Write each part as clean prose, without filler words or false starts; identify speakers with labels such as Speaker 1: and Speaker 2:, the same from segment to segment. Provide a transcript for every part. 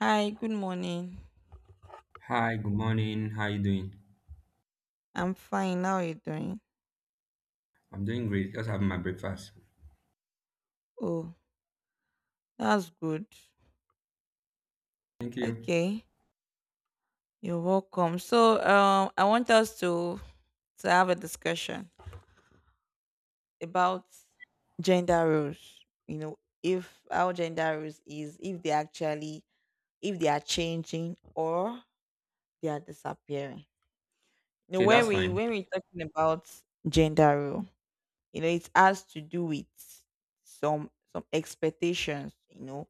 Speaker 1: Hi, good morning.
Speaker 2: Hi, good morning. How you doing?
Speaker 1: I'm fine. How are you doing?
Speaker 2: I'm doing great. Just having my breakfast.
Speaker 1: Oh, that's good.
Speaker 2: Thank you.
Speaker 1: Okay, you're welcome. So, I want us to have a discussion about gender roles. You know, if our gender roles is if they actually if they are changing or they are disappearing. You know,
Speaker 2: Okay,
Speaker 1: when
Speaker 2: that's
Speaker 1: we
Speaker 2: fine.
Speaker 1: when we're talking about gender role, you know, it has to do with some expectations. You know,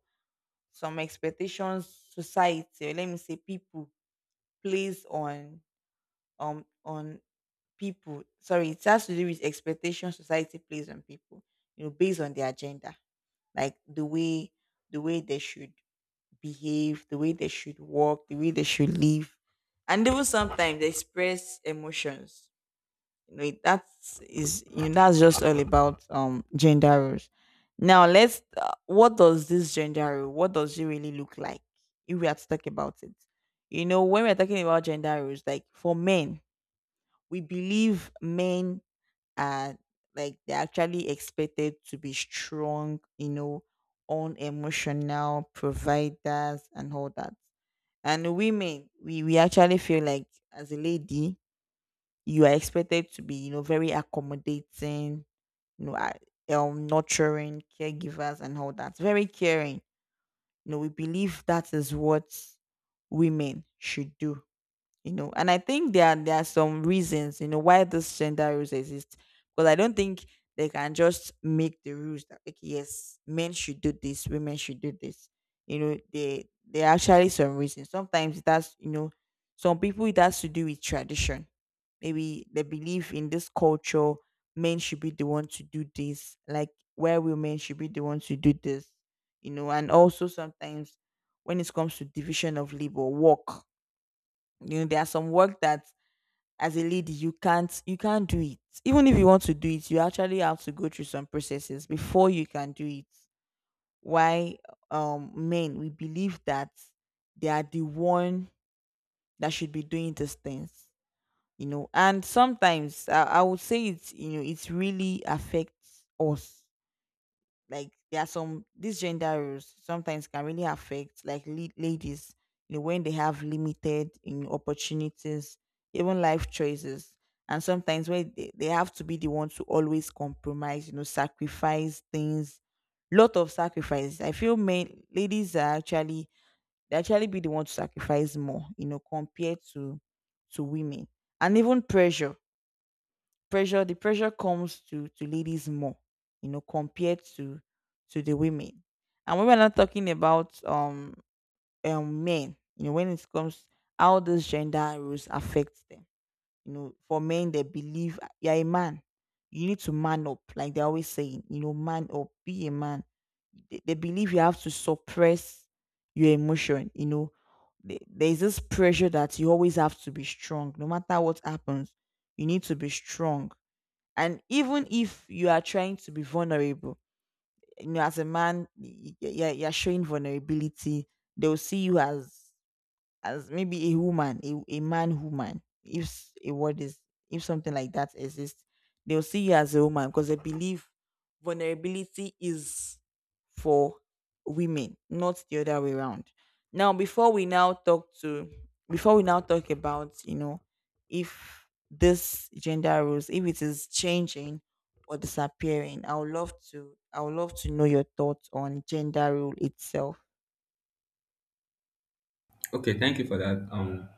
Speaker 1: some expectations society, or let me say people, place on um on people. Sorry, it has to do with expectations society plays on people, you know, based on their agenda, like the way they should behave, the way they should walk, the way they should live, and even sometimes they express emotions. You know, it- that is you know, that's just all about gender roles. Now let's what does this gender role, what does it really look like if we are to talk about it? You know, when we're talking about gender roles, like for men, we believe men are, like, they're actually expected to be strong, you know, unemotional providers and all that. And women, we actually feel like, as a lady, you are expected to be, you know, very accommodating, you know, nurturing caregivers and all that. Very caring. You know, we believe that is what women should do. You know, and I think there are some reasons, you know, why these gender rules exist. Because I don't think they can just make the rules that, like, yes, men should do this, women should do this. You know, they, there are actually some reasons. Sometimes it has, you know, some people, it has to do with tradition. Maybe they believe in this culture, men should be the one to do this, like where women should be the one to do this. You know, and also sometimes when it comes to division of labor work, you know, there are some work that, as a lady, you can't do it. Even if you want to do it, you actually have to go through some processes before you can do it. Why? Men, we believe that they are the one that should be doing these things. You know, and sometimes I would say, it's, you know, it really affects us. Like there are some, these gender roles sometimes can really affect, like, ladies, you know, when they have limited, you know, opportunities, even life choices, and sometimes where they have to be the one to always compromise, you know, sacrifice things. Lot of sacrifices, I feel men, ladies, are actually, they actually be the one to sacrifice more, you know, compared to women. And even pressure, the pressure comes to ladies more, you know, compared to the women. And when we're not talking about men, you know, when it comes how those gender rules affect them. You know, for men, they believe, you're a man, you need to man up. Like they're always saying, you know, man up, be a man. They believe you have to suppress your emotion, you know. The- there's this pressure that you always have to be strong, no matter what happens, you need to be strong. And even if you are trying to be vulnerable, you know, as a man, you're showing vulnerability, they'll see you as maybe a woman, a man woman, if a word is, if something like that exists, they'll see you as a woman because they believe vulnerability is for women, not the other way around. Now before we now talk about, you know, if this gender roles, if it is changing or disappearing, I would love to, I would love to know your thoughts on gender role itself.
Speaker 2: Okay, thank you for that.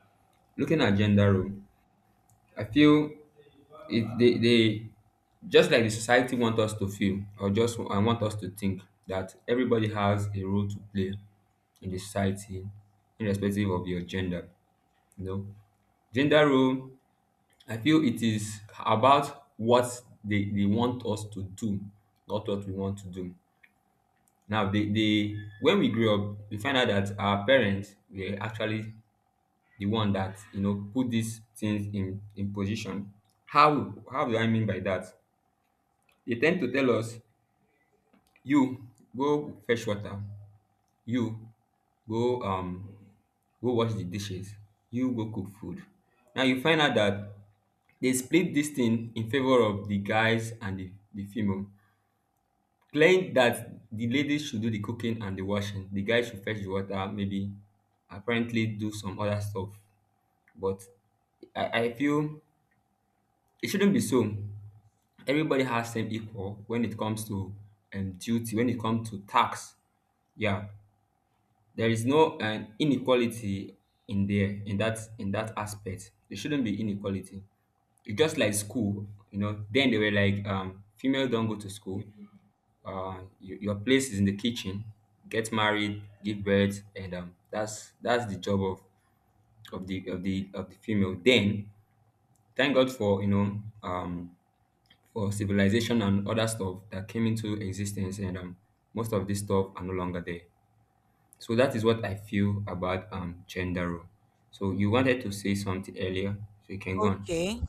Speaker 2: Looking at gender role, I feel they just like the society want us to feel or just I want us to think that everybody has a role to play in the society, irrespective of your gender. You know, gender role, I feel it is about what they want us to do, not what we want to do. Now, the when we grew up, we find out that our parents were actually the one that you know put these things in position. How do I mean by that? They tend to tell us, you go fetch water, you go go wash the dishes, you go cook food. Now you find out that they split this thing in favor of the guys and the female. Claimed that the ladies should do the cooking and the washing, the guys should fetch the water, maybe apparently do some other stuff. But I feel it shouldn't be so. Everybody has same equal when it comes to duty, when it comes to tax. Yeah, there is no inequality in that aspect. There shouldn't be inequality. It's just like school, you know. Then they were like, female don't go to school, your place is in the kitchen, get married, give birth, and that's the job of the of the of the female. Then thank god for, you know, for civilization and other stuff that came into existence, and most of this stuff are no longer there. So that is what I feel about gender role. So you wanted to say something earlier, so you can go on.
Speaker 1: Okay.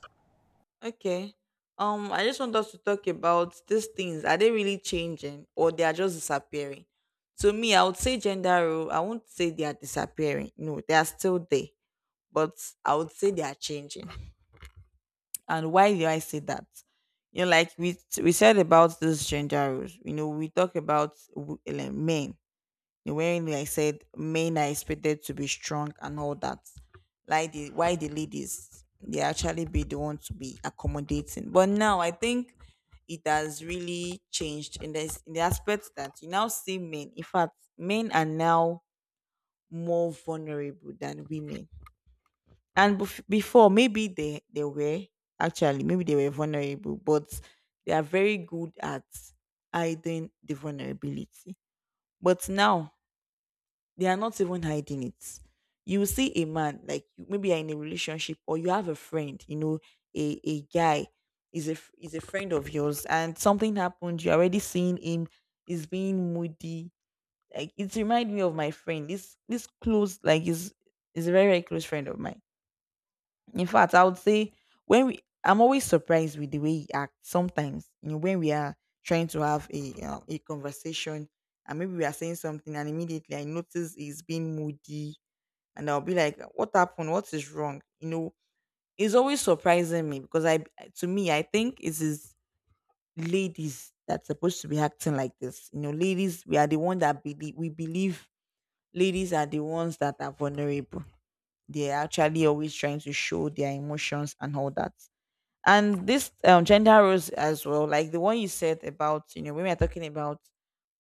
Speaker 1: Okay. I just want us to talk about these things. Are they really changing or they are just disappearing? To me, I would say gender role, I won't say they are disappearing. No, they are still there. But I would say they are changing. And why do I say that? You know, like we said about this gender roles, you know, we talk about like men. Wherein, like I said, men are expected to be strong and all that. Like the why the ladies, they actually be the one to be accommodating. But now I think it has really changed in this, in the aspect that you now see men. In fact, men are now more vulnerable than women. And before, maybe they were actually, maybe they were vulnerable, but they are very good at hiding the vulnerability. But now they are not even hiding it. You will see a man, like maybe you're in a relationship or you have a friend, you know, a guy is is a friend of yours and something happened, you're already seeing him, he's being moody. Like it reminds me of my friend. This close, like is a very, very close friend of mine. In fact, I would say when I'm always surprised with the way he acts. Sometimes, you know, when we are trying to have a conversation, and maybe we are saying something, and immediately I notice he's being moody, and I'll be like, "What happened? What is wrong?" You know, it's always surprising me because to me, I think it is ladies that's supposed to be acting like this. You know, ladies, we are the one that believe, we believe ladies are the ones that are vulnerable. They're actually always trying to show their emotions and all that. And this gender roles as well, like the one you said about, you know, women are talking about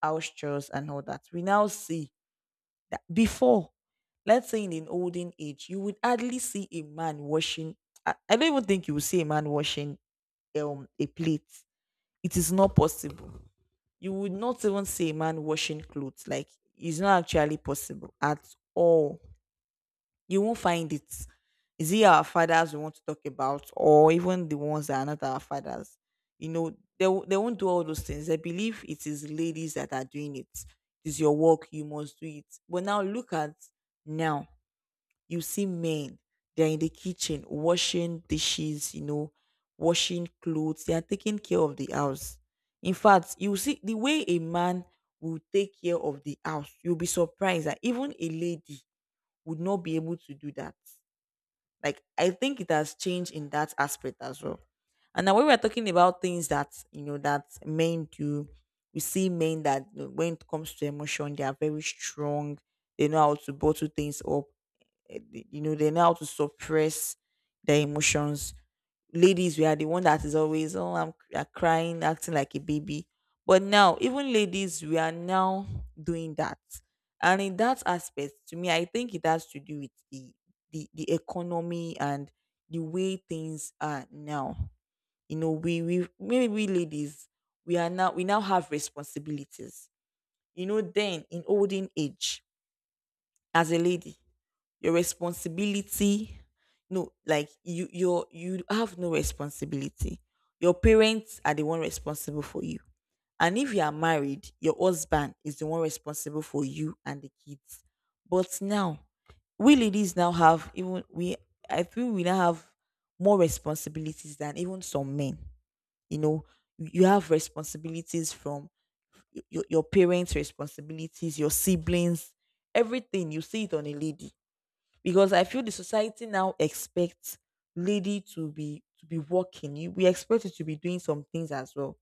Speaker 1: house chores and all that, we now see that before, let's say in an olden age, you would hardly see a man washing. I don't even think you would see a man washing a plate, it is not possible. You would not even see a man washing clothes, like, it's not actually possible at all, you won't find it. Is it our fathers we want to talk about, or even the ones that are not our fathers? You know, they won't do all those things. They believe it is ladies that are doing it. It's your work, you must do it. But now look at now, you see men, they're in the kitchen washing dishes, you know, washing clothes, they are taking care of the house. In fact, you see the way a man will take care of the house, you'll be surprised that even a lady would not be able to do that. Like I think it has changed in that aspect as well. And now when we're talking about things that, you know, that men do, we see men that, you know, when it comes to emotion, they are very strong. They know how to bottle things up. You know, they know how to suppress their emotions. Ladies, we are the one that is always, oh, I'm you are crying, acting like a baby. But now, even ladies, we are now doing that. And in that aspect, to me, I think it has to do with the the economy and the way things are now. You know, we, maybe we ladies, we now have responsibilities. You know, then in olden age, as a lady, your responsibility, no, like you have no responsibility, your parents are the one responsible for you, and if you are married, your husband is the one responsible for you and the kids. But now, we ladies now have, even we, I feel we now have more responsibilities than even some men. You know, you have responsibilities from your parents, responsibilities, your siblings, everything you see it on a lady, because I feel the society now expects lady to be, working. We expect you to be doing some things as well,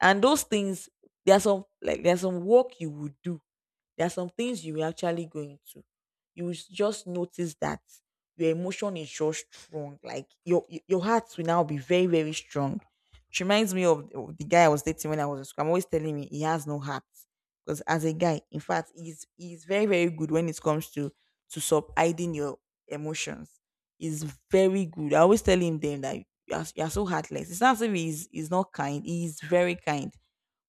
Speaker 1: and those things, there are some, like there's some work you would do, there are some things you will actually go into. You will just notice that your emotion is just strong. Like your heart will now be very, very strong. It reminds me of the guy I was dating when I was in school. I'm always telling me he has no heart. Because as a guy, in fact, he's very, very good when it comes to sub hiding your emotions. He's very good. I always tell him then that you are so heartless. It's not as if he's not kind. He's very kind,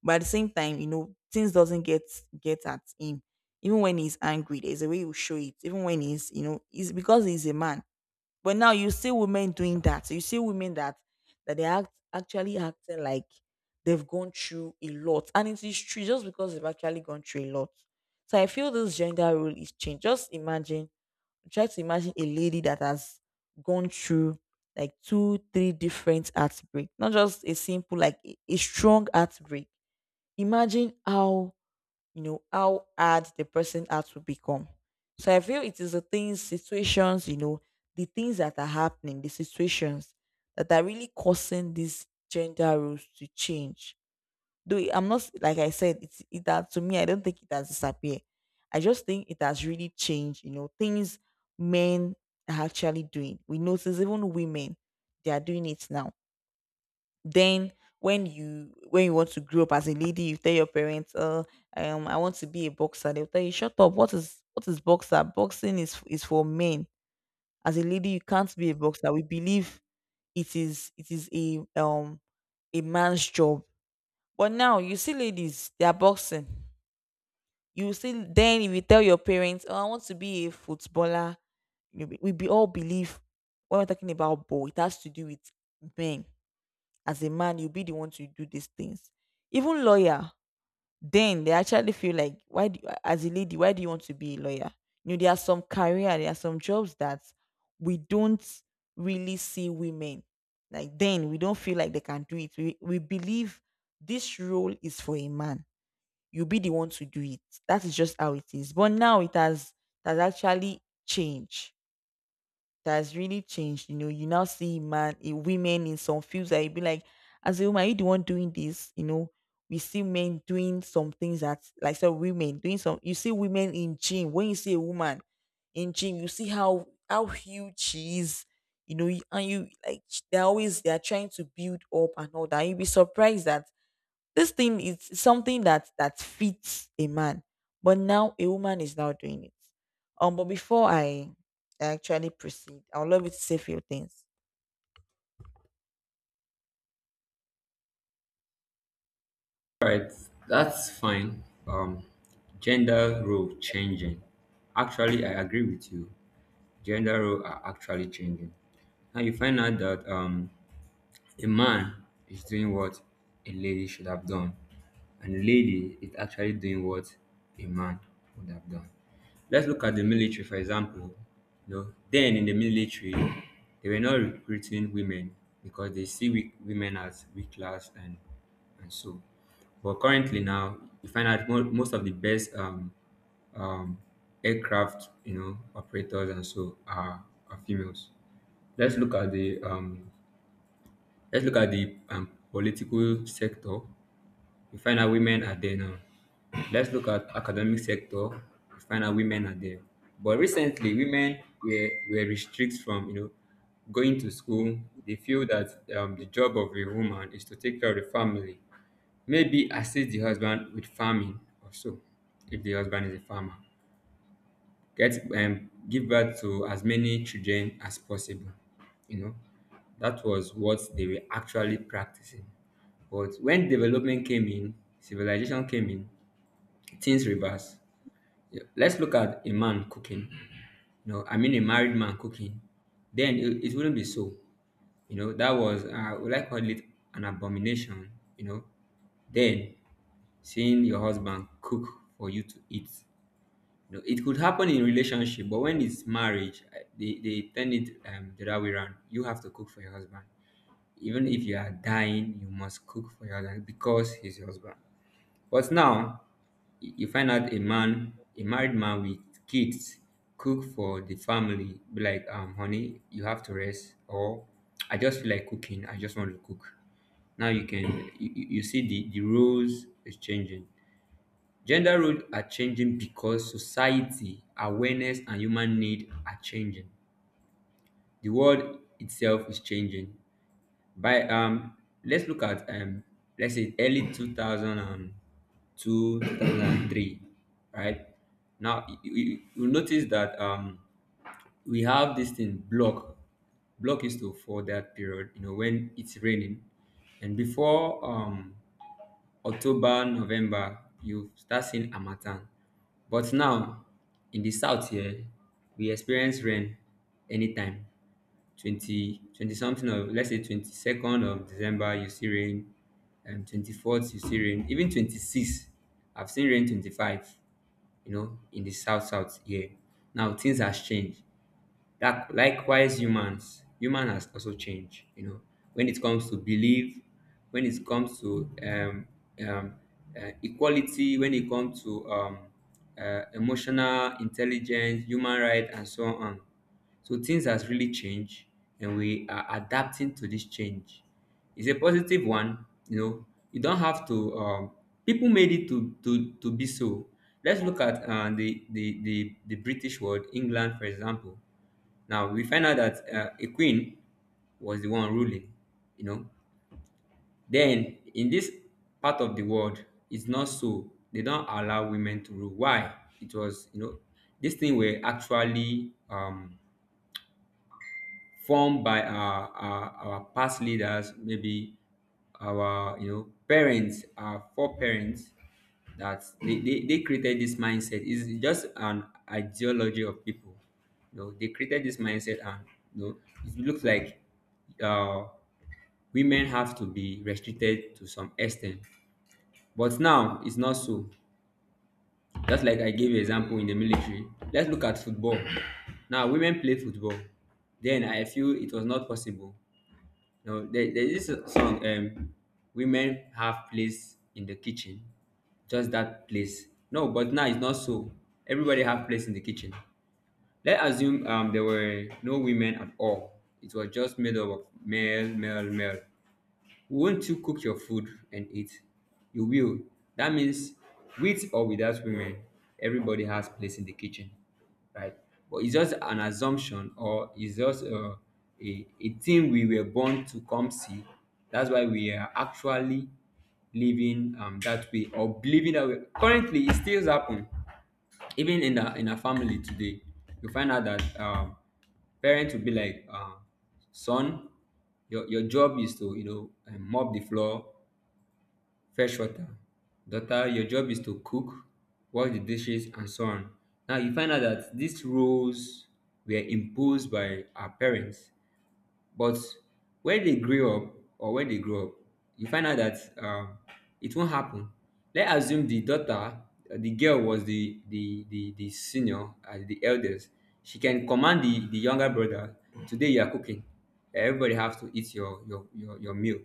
Speaker 1: but at the same time, you know, things doesn't get at him. Even when he's angry, there's a way you show it. Even when he's, he's because he's a man. But now you see women doing that. You see women that that they act actually acting like they've gone through a lot. And it is true just because they've actually gone through a lot. So I feel this gender role is changed. Just imagine, try to imagine a lady that has gone through like two, three different heartbreak, not just a simple, like a strong heartbreak. Imagine how how hard the person had to become. So I feel it is the things situations, the things that are happening, the situations that are really causing these gender roles to change, though I'm not, like I said, it's it that to me, I don't think it has disappeared. I just think it has really changed. You know, things men are actually doing, we notice even women, they are doing it now. Then when you want to grow up as a lady, you tell your parents, I want to be a boxer." They'll tell you, "Shut up! What is boxer? Boxing is for men. As a lady, you can't be a boxer. We believe it is a man's job." But now you see ladies, they are boxing. You see, then if you tell your parents, "Oh, I want to be a footballer," you know, we be all believe when we're talking about ball, it has to do with men. As a man, you'll be the one to do these things. Even lawyer, then they actually feel like, as a lady, why do you want to be a lawyer? You know, there are some career there are some jobs that we don't really see women, like then we don't feel like they can do it. We believe this role is for a man. You'll be the one to do it. That is just how it is, but now it has, it has actually changed. That has really changed. You know, you now see women in some fields that you be like, as a woman, are you the one doing this? You know, we see men doing some things that, like, so women doing some. You see women in gym. When you see a woman in gym, you see how huge she is. You know, and you like they're always, they're trying to build up and all that. You'll be surprised that this thing is something that fits a man, but now a woman is now doing it. But before I actually proceed, I would love you to say a few things.
Speaker 2: Right, that's fine. Gender role changing, actually I agree with you. Gender role are actually changing. Now you find out that a man is doing what a lady should have done, and a lady is actually doing what a man would have done. Let's look at the military, for example. You know, then in the military, they were not recruiting women because they see weak, women as weak class and so. But currently now, you find out most of the best um, aircraft, you know, operators and so are females. Let's look at the um, let's look at the political sector. We find out women are there now. Let's look at academic sector. We find out women are there. But recently, women were restricted from, you know, going to school. They feel that the job of a woman is to take care of the family, maybe assist the husband with farming or so, if the husband is a farmer. Get Give birth to as many children as possible. You know, that was what they were actually practicing. But when development came in, civilization came in, things reversed. Yeah, let's look at a man cooking. You know, I mean a married man cooking. Then it wouldn't be so. You know, that was would I call it an abomination? You know, then seeing your husband cook for you to eat. You know, it could happen in relationship, but when it's marriage, they turn it the other way around. You have to cook for your husband. Even if you are dying, you must cook for your husband because he's your husband. But now, you find out a man, a married man with kids, cook for the family. Be like, honey, you have to rest, or I just feel like cooking. I just want to cook. Now you can you, you you see the roles is changing. Gender roles are changing because society, awareness, and human need are changing. The world itself is changing. By let's look at let's say early 2000 2003, right? Now you notice that we have this thing block. Block used to fall that period, you know, when it's raining. And before October, November, you start seeing harmattan. But now in the south here, we experience rain anytime. Twenty twenty something of, let's say, 22nd of December you see rain, and 24th you see rain, even 26, I've seen rain 25. You know, in the south here, now things has changed. That likewise humans, human has also changed. You know, when it comes to belief, when it comes to um, equality, when it comes to emotional intelligence, human rights, and so on. So things has really changed, and we are adapting to this change. It's a positive one, you know. You don't have to. People made it to be so. Let's look at the British world, England, for example. Now we find out that a queen was the one ruling, you know. Then in this part of the world, it's not so. They don't allow women to rule. Why? It was, you know, this thing were actually formed by our past leaders, maybe our, parents, our foreparents. That they created this mindset. It's just an ideology of people. You know, they created this mindset, and, you know, it looks like uh, women have to be restricted to some extent. But now it's not so. Just like I gave you example in the military. Let's look at football. Now women play football. Then I feel it was not possible. No, there is a song, Women Have Place in the Kitchen. Just that place. No, but now it's not so. Everybody have place in the kitchen. Let's assume there were no women at all. It was just made up of male, male, male. Won't you cook your food and eat? You will. That means, with or without women, everybody has place in the kitchen, right? But it's just an assumption, or it's just a thing we were born to come see. That's why we are actually living that way, or believing that way. Currently, it still happens, even in our family today. You find out that parents will be like, son, your job is to, you know, mop the floor, fetch water. Daughter, your job is to cook, wash the dishes, and so on. Now you find out that these roles were imposed by our parents. But when they grow up, you find out that it won't happen. Let's assume the daughter, the girl was the senior and the eldest. She can command the younger brother. Today you are cooking. Everybody has to eat your meal.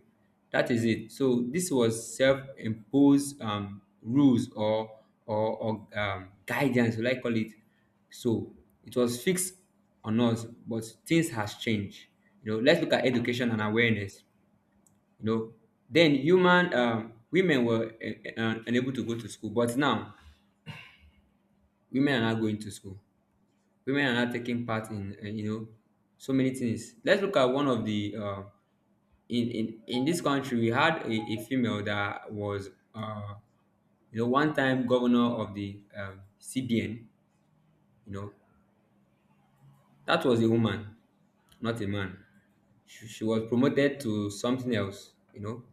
Speaker 2: That is it. So this was self-imposed rules, or guidance, will I call it? So it was fixed on us, but things has changed. You know, let's look at education and awareness. You know, then human women were unable to go to school, but now women are not going to school. Women are not taking part in you know, so many things. Let's look at one of the in this country. We had a female that was uh, you know, one time governor of the CBN. You know, that was a woman, not a man. She was promoted to something else. You know,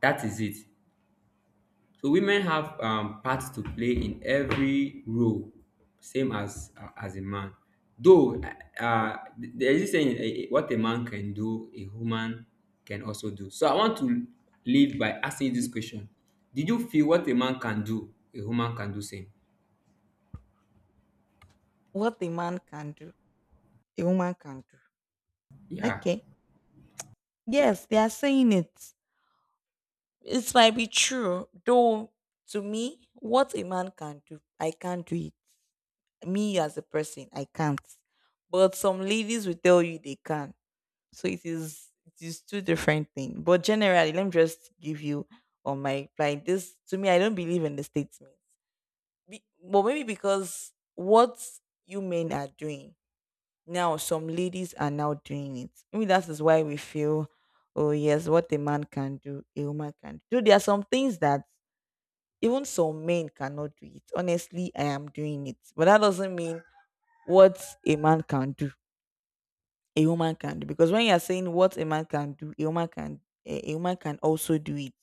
Speaker 2: that is it. So women have parts to play in every role, same as a man. Though there is a saying, what a man can do, a woman can also do. So I want to leave by asking you this question: did you feel what a man can do, a woman can do same?
Speaker 1: What a man can do, a woman can do.
Speaker 2: Yeah.
Speaker 1: Okay. Yes, they are saying it. It might be true, though to me, what a man can do, I can't do it. Me as a person, I can't. But some ladies will tell you they can. So it is two different things. But generally, let me just give you on my, like, this to me, I don't believe in the statements. Be, but maybe because what you men are doing now, some ladies are now doing it. Maybe that is why we feel, oh yes, what a man can do, a woman can do. There are some things that even some men cannot do it. Honestly, I am doing it. But that doesn't mean what a man can do a woman can do, because when you are saying what a man can do, a woman can, a woman can also do it,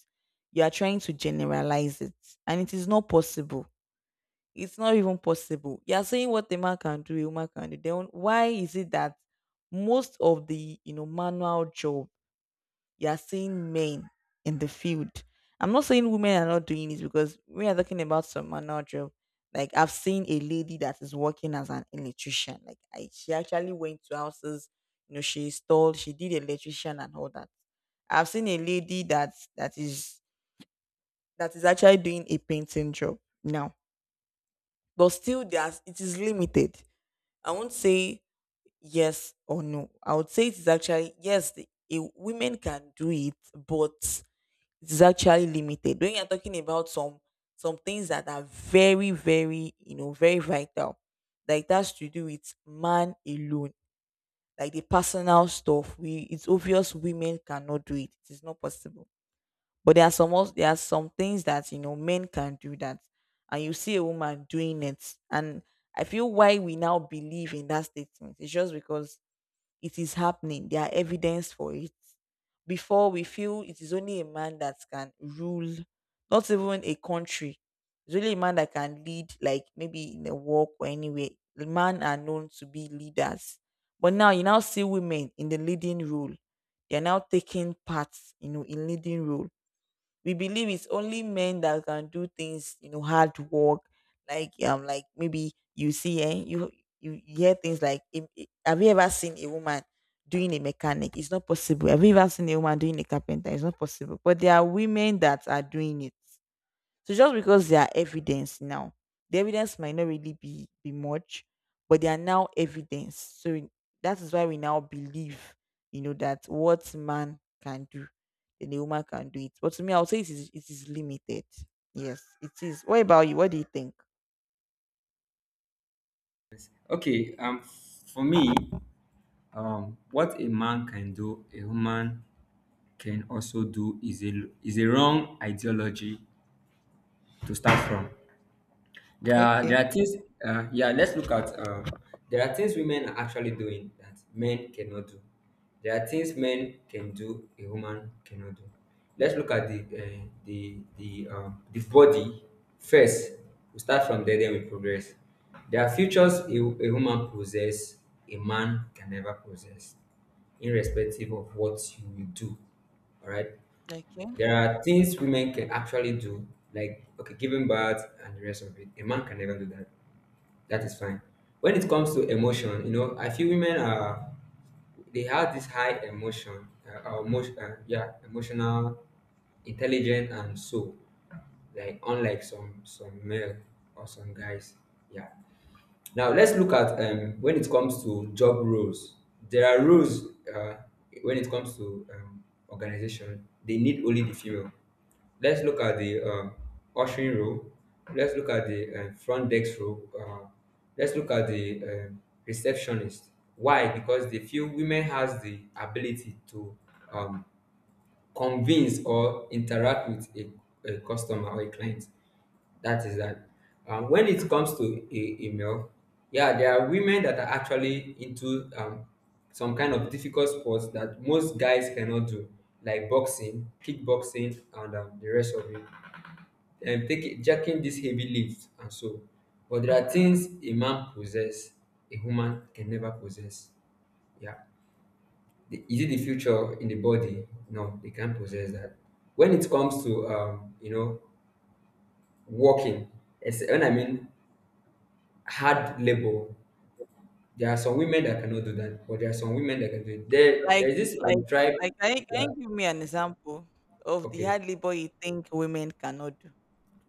Speaker 1: you are trying to generalize it, and it is not possible. It's not even possible. You are saying what a man can do, a woman can do, then why is it that most of the, you know, manual jobs, you're seeing men in the field. I'm not saying women are not doing it, because we are talking about some manual job. Like I've seen a lady that is working as an electrician. She actually went to houses, you know, she installed, she did electrician and all that. I've seen a lady that is actually doing a painting job now. But still there's, it is limited. I won't say yes or no. I would say it is actually yes, a women can do it, but it is actually limited. When you're talking about some things that are very, very, you know, very vital, like that's to do with man alone, like the personal stuff. We, it's obvious women cannot do it. It is not possible. But there are some also, there are some things that you know men can do that, and you see a woman doing it, and I feel why we now believe in that statement. It's just because it is happening. There are evidence for it. Before we feel it is only a man that can rule, not even a country. It's only a man that can lead, like maybe in a walk or anywhere. The men are known to be leaders. But now you now see women in the leading role. They are now taking parts, you know, in leading role. We believe it's only men that can do things, you know, hard work. Like maybe you see, you you hear things like, have you ever seen a woman doing a mechanic? It's not possible. Have you ever seen a woman doing a carpenter? It's not possible. But there are women that are doing it. So just because they are evidence now, the evidence might not really be much, but they are now evidence. That is why we now believe, you know, that what man can do, then a woman can do it. But to me, I would say it is limited. Yes, it is. What about you? What do you think?
Speaker 2: Okay, for me, what a man can do, a woman can also do is a wrong ideology to start from. There are
Speaker 1: Okay.
Speaker 2: things. Yeah, let's look at. There are things women are actually doing that men cannot do. There are things men can do a woman cannot do. Let's look at the the body first. We start from there, then we progress. There are features a woman possess, a man can never possess, irrespective of what you will do. All right.
Speaker 1: Okay.
Speaker 2: There are things women can actually do, like, okay, giving birth and the rest of it. A man can never do that. That is fine. When it comes to emotion, you know, I feel women are they have this high emotion, yeah, emotional, intelligent, and so, like, unlike some male or some guys, yeah. Now let's look at when it comes to job roles. There are roles uh, when it comes to organization, they need only the female. Let's look at the ushering role. Let's look at the front desk role. Let's look at the receptionist. Why? Because they feel women has the ability to um, convince or interact with a customer or a client. That is that. When it comes to email, yeah, there are women that are actually into some kind of difficult sports that most guys cannot do, like boxing, kickboxing, and the rest of it. And taking jacking these heavy lifts and so. But there are things a man possess, a woman can never possess. Yeah. The, is it the future in the body? No, they can't possess that. When it comes to you know, working, it's, when I mean hard labor, there are some women that cannot do that, but there are some women that can do it. There,
Speaker 1: Like,
Speaker 2: there is this
Speaker 1: like,
Speaker 2: tribe.
Speaker 1: like, can can
Speaker 2: Yeah,
Speaker 1: you give me an example of the
Speaker 2: okay,
Speaker 1: hard labor you think women cannot do?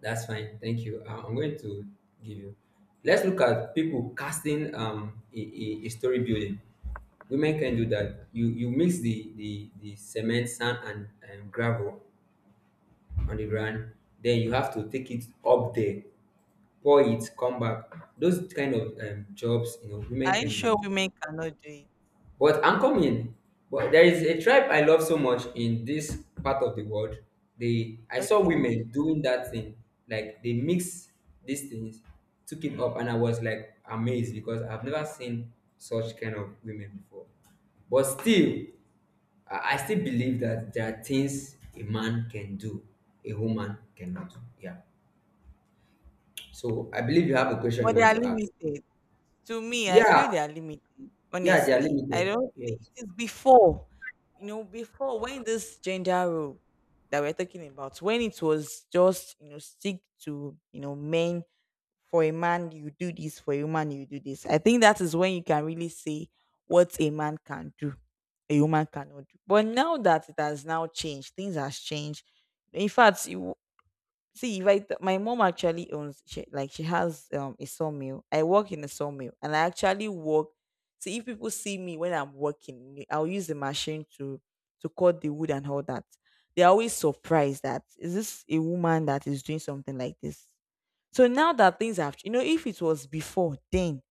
Speaker 2: that's fine. Thank you. I'm going to give you. Let's look at people casting a story building. Women can do that. You mix the cement, sand, and gravel on the ground. Then you have to take it up there, pour it, come back. Those kind of jobs, you know, women
Speaker 1: Are you
Speaker 2: can do
Speaker 1: sure
Speaker 2: it.
Speaker 1: women cannot do it?
Speaker 2: But I'm coming. But there is a tribe I love so much in this part of the world. They I saw
Speaker 1: Okay.
Speaker 2: women doing that thing. Like, they mix these things, took it up, and I was, like, amazed, because I've never seen such kind of women before. But still, I still believe that there are things a man can do, a woman cannot do. Yeah. So I believe you have a question
Speaker 1: But
Speaker 2: you
Speaker 1: they
Speaker 2: want
Speaker 1: are
Speaker 2: to ask.
Speaker 1: limited. To me, I
Speaker 2: Yeah,
Speaker 1: feel they are limited.
Speaker 2: yeah, they are
Speaker 1: Honestly, I
Speaker 2: limited.
Speaker 1: don't think
Speaker 2: Yes.
Speaker 1: it is before, you know, before when this gender role that we're talking about, when it was just, you know, stick to, you know, men. For a man you do this, for a woman you do this. I think that is when you can really say what a man can do, a woman cannot do. But now that it has now changed, things has changed. In fact, see, if right, my mom actually owns, she has a sawmill. I work in a sawmill and I actually work. See, if people see me when I'm working, I'll use the machine to cut the wood and all that. They're always surprised that, is this a woman that is doing something like this? So now that things have, you know, if it was before, then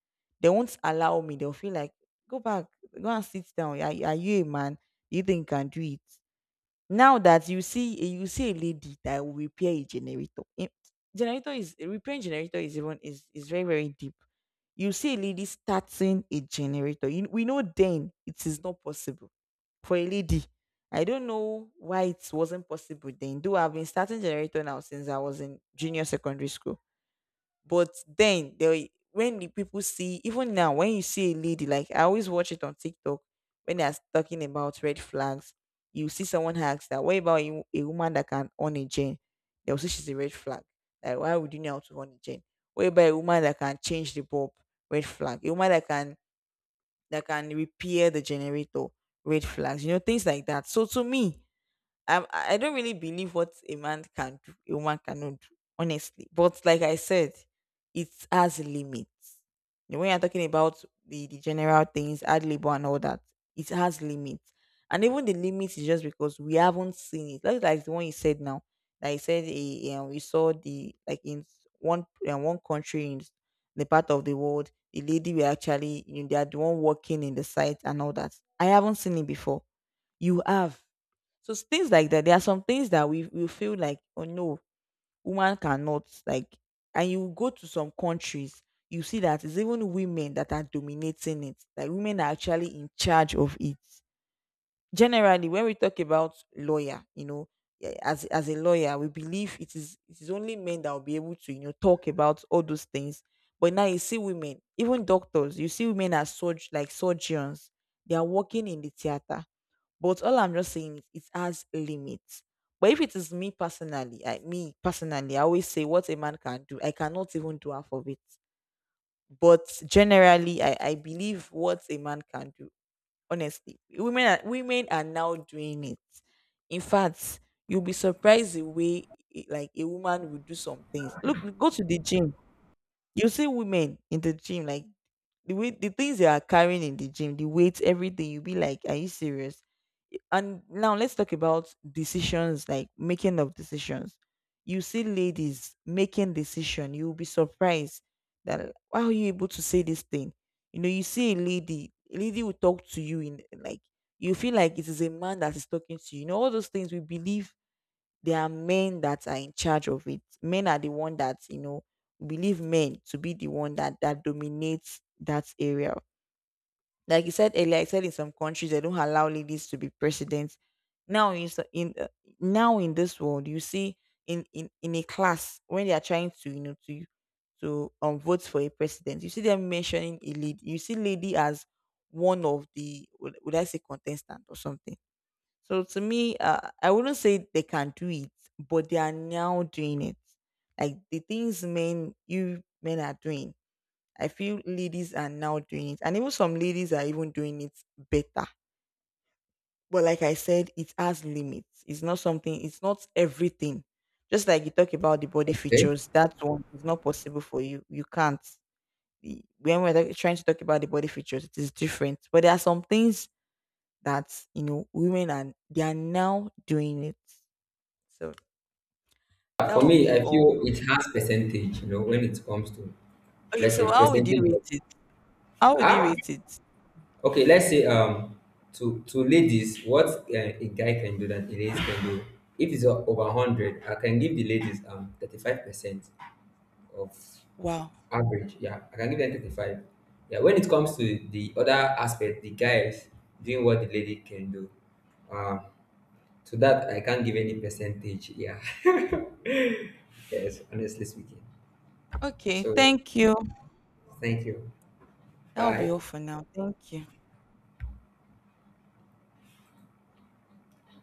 Speaker 1: they won't allow me. They'll feel like, go back, go and sit down. Are you a man? Do you think you can do it? Now that you see a lady that will repair a generator. Generator is, repairing generator is even, is very, very deep. You see a lady starting a generator. You, we know then it is not possible for a lady. I don't know why it wasn't possible then. Though I've been starting generator now since I was in junior secondary school. But then they, when the people see, even now when you see a lady, like I always watch it on TikTok, when they're talking about red flags, you see someone asks that, what about a woman that can own a gen? They'll say she's a red flag. Like, why would you know how to own a gen? What about a woman that can change the bulb? Red flag. A woman that can repair the generator. Red flags. You know, things like that. So to me, I do not really believe what a man can do, a woman cannot do, honestly. But like I said, it has limits. You know, when you're talking about the general things, ad lib and all that, it has limits. And even the limits is just because we haven't seen it. Like the one you said now, that you said, we saw the, like in one country in the part of the world, the lady were actually, you know, they are the one working in the site and all that. I haven't seen it before. You have. Things like that, there are some things that we feel like, oh no, woman cannot, like, and you go to some countries, you see that it's even women that are dominating it. Like women are actually in charge of it. Generally, when we talk about lawyer, you know, as a lawyer, we believe it is only men that will be able to, you know, talk about all those things. But now you see women, even doctors, you see women as like surgeons, they are working in the theater. But all I'm just saying is it has limits. But if it is me personally, I always say what a man can do, I cannot even do half of it. But generally, I believe what a man can do. Honestly, women are now doing it. In fact, you'll be surprised the way, like a woman will do some things. Look, go to the gym, you see women in the gym, like the way the things they are carrying in the gym, the weights, everything, you be like, are you serious? And now let's talk about decisions, like making of decisions. You see ladies making decision, you'll be surprised that, how are you able to say this thing? You know, you see a lady will talk to you in, like, you feel like it is a man that is talking to you. You know, all those things we believe there are men that are in charge of it. Men are the one that, you know, we believe men to be the one that dominates that area. Like you said earlier, I said in some countries they don't allow ladies to be presidents. Now in so- in now in this world, you see in a class when they are trying to, you know, to vote for a president, you see them mentioning a lady. You see lady as one of the, would I say contestant or something. So to me, I wouldn't say they can do it, but they are now doing it. Like the things men, you men are doing, I feel ladies are now doing it, and even some ladies are even doing it better. But like I said, it has limits. It's not something. It's not everything. Just like you talk about the body
Speaker 2: Okay.
Speaker 1: features, that one is not possible for you. You can't. When we're trying to talk about the body features, it is different. But there are some things that, you know, women are, they are now doing it. So that
Speaker 2: For
Speaker 1: would
Speaker 2: me,
Speaker 1: be
Speaker 2: I
Speaker 1: all.
Speaker 2: feel it has percentage, you know, when it comes to,
Speaker 1: Okay,
Speaker 2: let's
Speaker 1: so
Speaker 2: say,
Speaker 1: how would you
Speaker 2: percentage
Speaker 1: rate
Speaker 2: of.
Speaker 1: it? How would you
Speaker 2: Ah,
Speaker 1: rate it?
Speaker 2: okay, let's say to ladies, what a guy can do that a lady can do. If it's over 100, I can give the ladies 35% of
Speaker 1: Wow.
Speaker 2: average. Yeah, I can give them 35. Yeah, when it comes to the other aspect, the guys doing what the lady can do. Um, to that I can't give any percentage. Yeah, yes, honestly speaking.
Speaker 1: Okay,
Speaker 2: So
Speaker 1: thank you.
Speaker 2: thank you.
Speaker 1: That will be
Speaker 2: Bye.
Speaker 1: all for now. Thank you.